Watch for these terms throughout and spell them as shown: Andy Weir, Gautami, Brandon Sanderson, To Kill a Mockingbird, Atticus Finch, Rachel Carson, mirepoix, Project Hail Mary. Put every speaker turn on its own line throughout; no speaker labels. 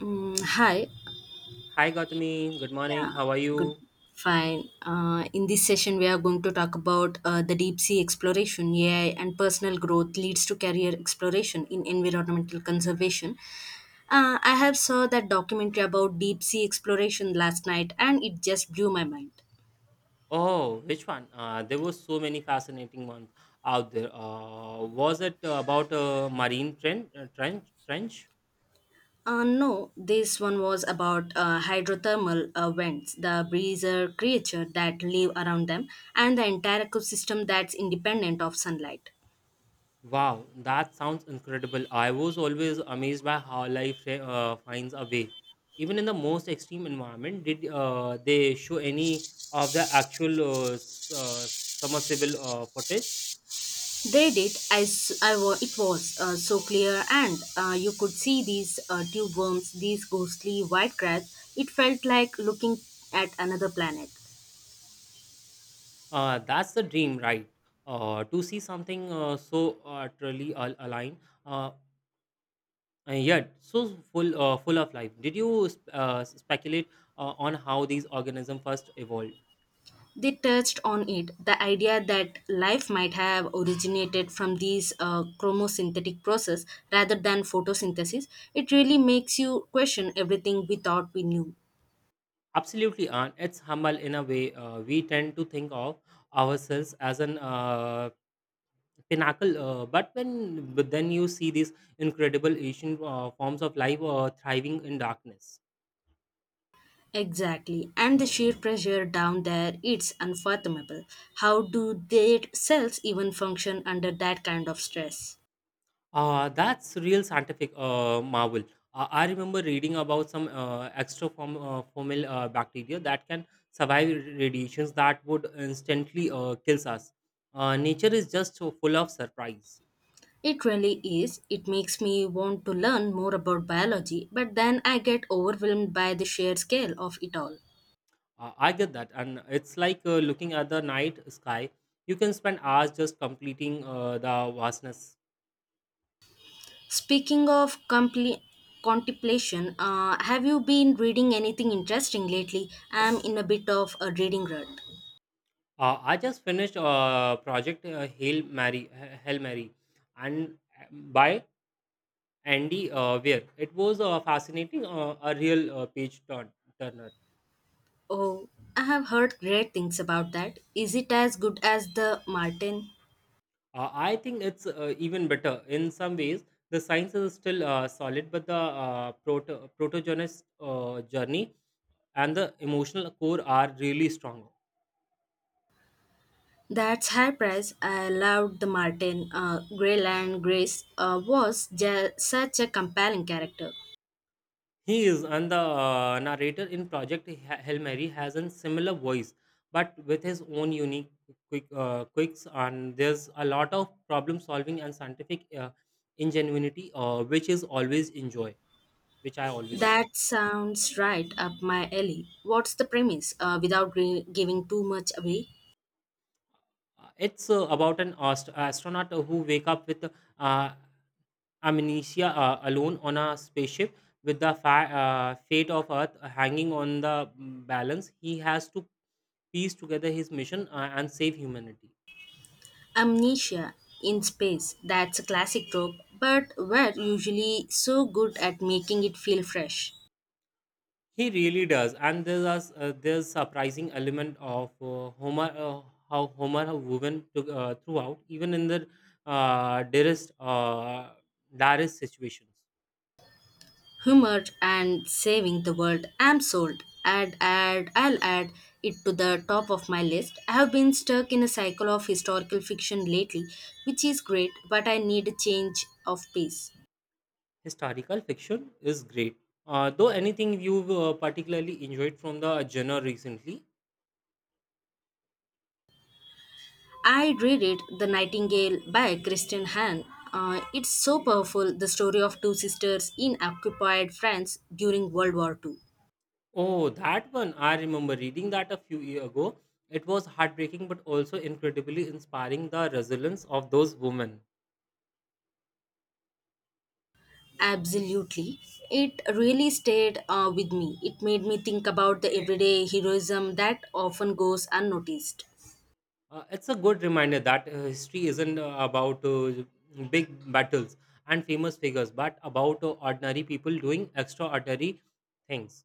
Hi.
Hi, Gautami. Good morning.
Yeah,
How are
good.
you?
Fine. In this session, we are going to talk about the deep sea exploration, AI, and personal growth leads to career exploration in environmental conservation. I have saw that documentary about deep sea exploration last night, and it just blew my mind.
Oh, which one? There were so many fascinating ones out there. Was it about a marine trench?
No, this one was about hydrothermal vents, the breezer creature that live around them, and the entire ecosystem that's independent of sunlight.
Wow, that sounds incredible. I was always amazed by how life finds a way, even in the most extreme environment. Did they show any of the actual submersible footage?
They did. I, s- I wa- it was so clear, and you could see these tube worms, these ghostly white crabs. It felt like looking at another planet.
That's the dream, right? To see something so utterly aligned. Uh, and yet so full of life. Did you speculate on how these organisms first evolved?
They touched on it the idea that life might have originated from these chromosynthetic process rather than photosynthesis. It really makes you question everything we thought we knew.
Absolutely, and it's humble in a way. We tend to think of ourselves as an pinnacle, but when but then you see these incredible ancient forms of life thriving in darkness.
Exactly. And the sheer pressure down there, it's unfathomable. How do their cells even function under that kind of stress?
That's real scientific marvel. I remember reading about some formal bacteria that can survive radiations that would instantly kills us. Nature is just so full of surprise.
It really is. It makes me want to learn more about biology, but then I get overwhelmed by the sheer scale of it all.
I get that, and it's like looking at the night sky. You can spend hours just completing the vastness.
Speaking of compli contemplation, have you been reading anything interesting lately? I'm in a bit of a reading rut.
I just finished project Hail Mary, and by Andy Weir. It was a a real turner.
Oh, I have heard great things about that. Is it as good as the Martin?
I think it's even better in some ways. The science is still solid, but the protogenist journey and the emotional core are really strong.
That's high price. I loved the Martin. Greyland Grace was such a compelling character.
He is, and the narrator in Project Hail Mary has a similar voice, but with his own unique quicks. And there's a lot of problem solving and scientific ingenuity, which is always enjoy. Which I always enjoy.
That sounds right up my alley. What's the premise? Without giving too much away,
It's about an astronaut who wake up with uh, amnesia alone on a spaceship with the fate of Earth hanging on the balance. He has to piece together his mission and save humanity.
amnesia in space. That's a classic trope, but we're usually so good at making it feel fresh.
He really does, and there's surprising element of Homer, how Homer has woven throughout, even in the dearest direst situations.
Humor and saving the world, I'm sold. Add add I'll add it to the top of my list. I have been stuck in a cycle of historical fiction lately, which is great, but I need a change of pace.
Historical fiction is great. Though anything you've particularly enjoyed from the genre recently?
I reread The Nightingale by Kristen Hahn. It's so powerful, the story of two sisters in occupied France during World War II.
Oh, that one. I remember reading that a few years ago. It was heartbreaking but also incredibly inspiring, the resilience of those women.
Absolutely. It really stayed with me. It made me think about the everyday heroism that often goes unnoticed.
It's a good reminder that history isn't about big battles and famous figures, but about ordinary people doing extraordinary things.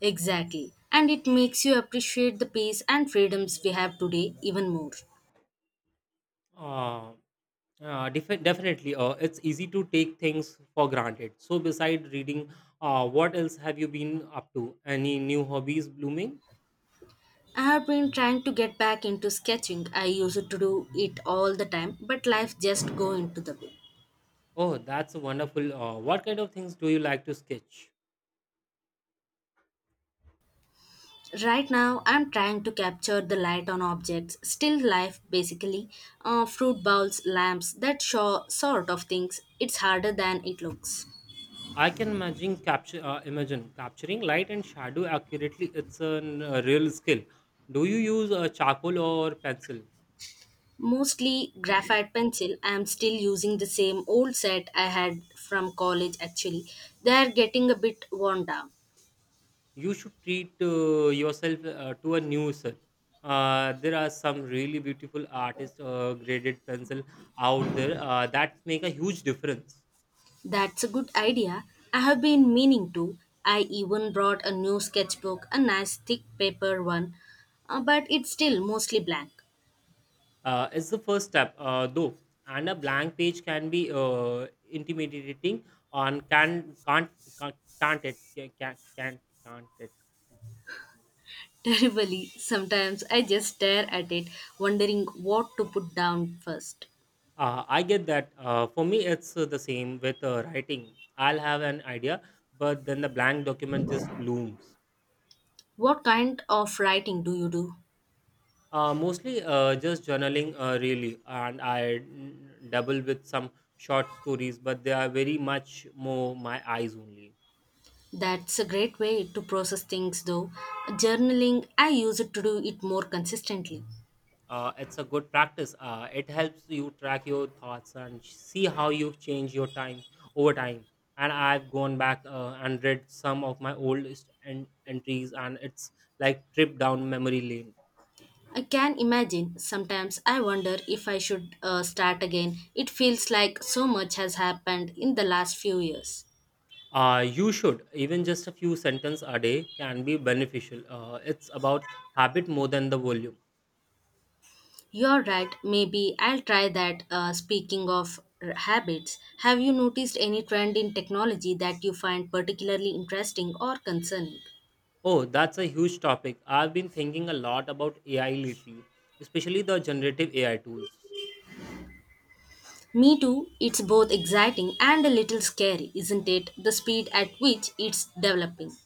Exactly. And it makes you appreciate the peace and freedoms we have today even more.
Uh, Definitely, it's easy to take things for granted. So, beside reading, what else have you been up to? Any new hobbies blooming?
I have been trying to get back into sketching. I used to do it all the time, but life just go into the way.
Oh, that's wonderful. What kind of things do you like to sketch?
Right now, I'm trying to capture the light on objects, still life basically, fruit bowls, lamps, that sort of things. It's harder than it looks.
I can imagine capture, Imagine capturing light and shadow accurately. It's a real skill. Do you use charcoal or pencil?
Mostly graphite pencil. I am still using the same old set I had from college actually. They are getting a bit worn down.
You should treat yourself to a new self. There are some really beautiful artist graded pencil out there that make a huge difference.
That's a good idea. I have been meaning to. I even brought a new sketchbook, a nice thick paper one, but it's still mostly blank.
It's the first step, though, and a blank page can be intimidating. On can can't, can't it can can't it.
Terribly, sometimes I just stare at it, wondering what to put down first.
I get that. For me, it's the same with writing. I'll have an idea, but then the blank document just looms.
What kind of writing do you do?
Mostly just journaling, really, and I dabble with some short stories, but they are very much more my eyes only.
That's a great way to process things though. Journaling, I use it to do it more consistently.
It's a good practice. It helps you track your thoughts and see how you've changed your time over time. And I've gone back and read some of my oldest entries, and it's like trip down memory lane.
I can imagine. Sometimes I wonder if I should start again. It feels like so much has happened in the last few years.
You should. Even just a few sentences a day can be beneficial. It's about habit more than the volume.
You're right, maybe I'll try that. Speaking of habits, have you noticed any trend in technology that you find particularly interesting or concerning?
Oh, that's a huge topic. I've been thinking a lot about AI lately, especially the generative AI tools.
Me too, it's both exciting and a little scary, isn't it? The speed at which it's developing.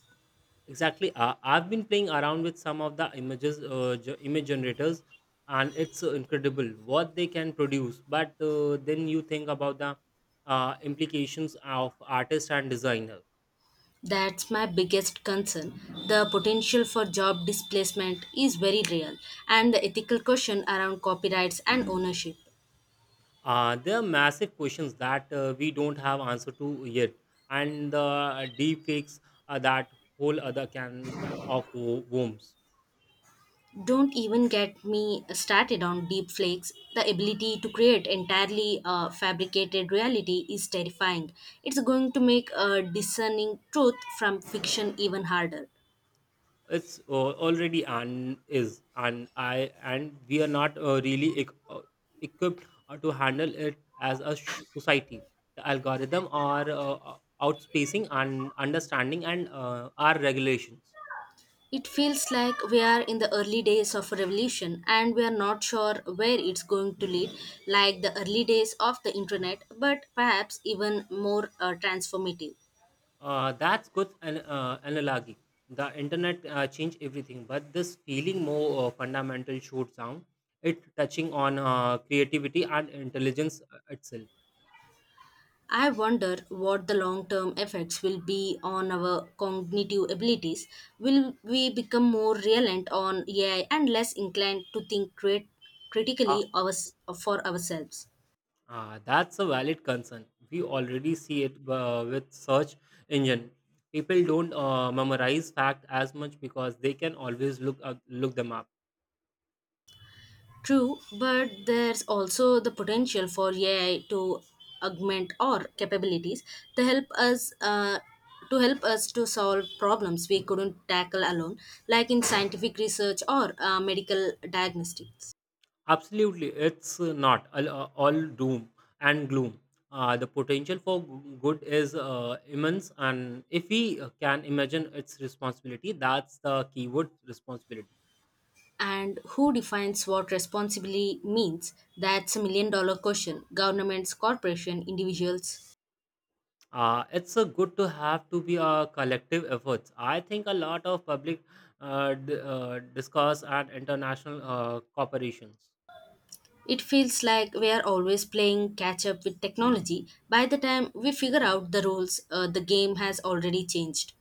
Exactly. I've been playing around with some of the image generators, and it's incredible what they can produce. But then you think about the implications of artist and designer.
That's my biggest concern. The potential for job displacement is very real, and the ethical question around copyrights and ownership.
There are massive questions that we don't have answer to yet, and the deep fakes are that whole other can of worms.
Don't even get me started on deep flakes. The ability to create entirely fabricated reality is terrifying. It's going to make discerning truth from fiction even harder.
It's already. And is and I and We are not equipped to handle it as a society. The algorithm are outspacing and understanding and our regulations.
It feels like we are in the early days of a revolution, and we are not sure where it's going to lead, like the early days of the internet, but perhaps even more transformative.
That's good an analogy. The internet changed everything, but this feeling more fundamental should sound it, touching on creativity and intelligence itself.
I wonder what the long term effects will be on our cognitive abilities. Will we become more reliant on AI and less inclined to think critically for ourselves?
Ah, that's a valid concern. We already see it with search engine. People don't memorize fact as much because they can always look up, look them up.
True, but there's also the potential for AI to augment our capabilities to help us uh, to help us to solve problems we couldn't tackle alone, like in scientific research or medical diagnostics.
Absolutely, it's not all, all doom and gloom. The potential for good is immense, and if we can imagine its responsibility, that's the keyword, responsibility.
And who defines what responsibility means? That's $1 million question. Governments, corporations, individuals.
It's a good to have to be a collective efforts. I think a lot of public discourse and international corporations.
It feels like we are always playing catch up with technology. By the time we figure out the rules, the game has already changed.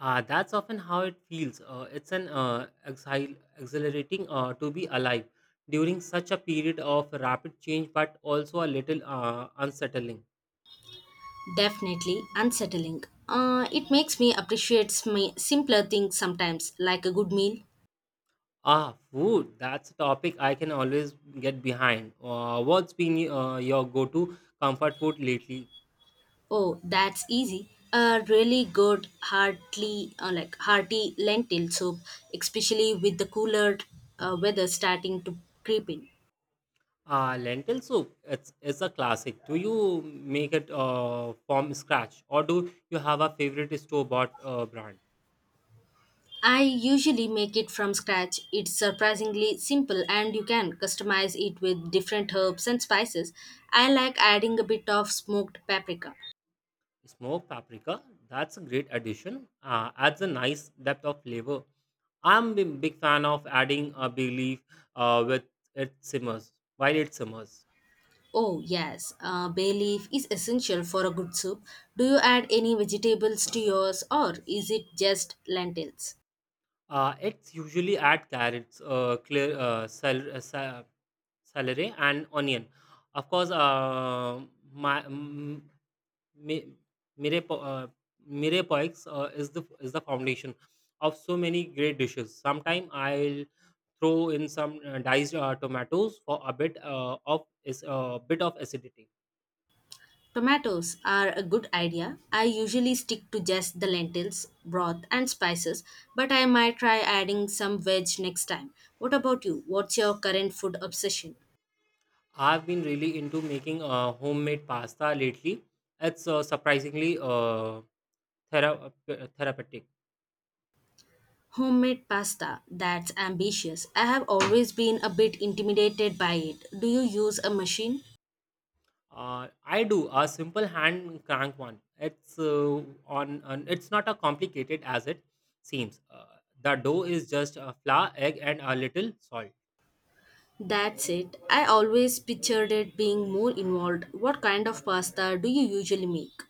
That's often how it feels. It's an exhilarating to be alive during such a period of rapid change, but also a little unsettling.
Definitely unsettling. It makes me appreciate simpler things sometimes, like a good meal.
Ah, food. That's a topic I can always get behind. What's been your go-to comfort food lately?
Oh, that's easy. A really good hearty, like hearty lentil soup, especially with the cooler weather starting to creep in.
Lentil soup, it's a classic. Do you make it from scratch, or do you have a favorite store bought brand?
I usually make it from scratch. It's surprisingly simple, and you can customize it with different herbs and spices. I like adding a bit of smoked paprika.
Smoked paprika, that's a great addition. Adds a nice depth of flavor. I'm a big fan of adding a bay leaf with it simmers while it simmers.
Oh, yes, bay leaf is essential for a good soup. Do you add any vegetables to yours, or is it just lentils?
It's usually add carrots, celery and onion. Of course, my mm Mi- mirepo mirepoix is the foundation of so many great dishes. Sometimes I'll throw in some diced tomatoes for a bit of acidity.
Tomatoes are a good idea. I usually stick to just the lentils, broth, and spices, but I might try adding some veg next time. What about you? What's your current food obsession?
I've been really into making homemade pasta lately. It's surprisingly therapeutic.
Homemade pasta, that's ambitious. I have always been a bit intimidated by it. Do you use a machine?
I do a simple hand crank one. It's on, on. It's not a complicated as it seems. The dough is just a flour, egg, and a little salt.
That's it. I always pictured it being more involved. What kind of pasta do you usually make?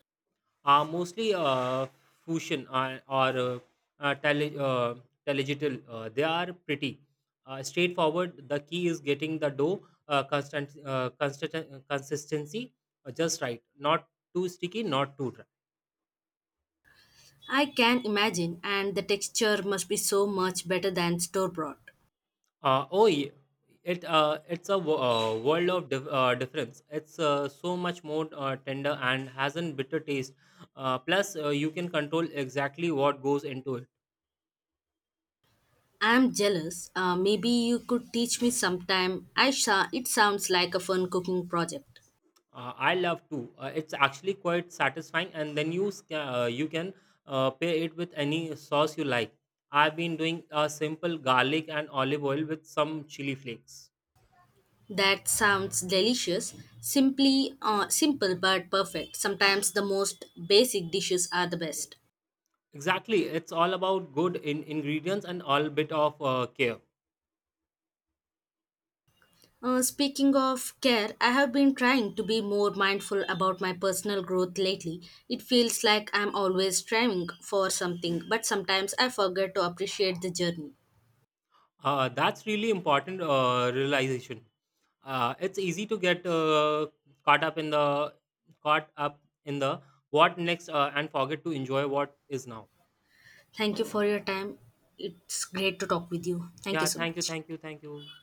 Mostly fusion uh, or uh, uh, tele, uh, telegital. They are pretty straightforward. The key is getting the dough constant, constant consistency just right. Not too sticky, not too dry.
I can imagine, and the texture must be so much better than store bought.
Oh, yeah. It's a world of difference. It's so much more tender and has a bitter taste. Plus, you can control exactly what goes into it.
I'm jealous. Maybe you could teach me sometime. It sounds like a fun cooking project.
I love too. It's actually quite satisfying, and then you can pair it with any sauce you like. I've been doing a simple garlic and olive oil with some chili flakes.
That sounds delicious. Simply simple but perfect. Sometimes the most basic dishes are the best.
Exactly, it's all about good ingredients and all bit of care.
Speaking of care, I have been trying to be more mindful about my personal growth lately. It feels like I'm always striving for something, but sometimes I forget to appreciate the journey.
That's really important realization. It's easy to get caught up in the caught up in the what next, and forget to enjoy what is now.
Thank you for your time. It's great to talk with you. Thank you
Yeah,
so
thank you,
much.
thank you, thank you.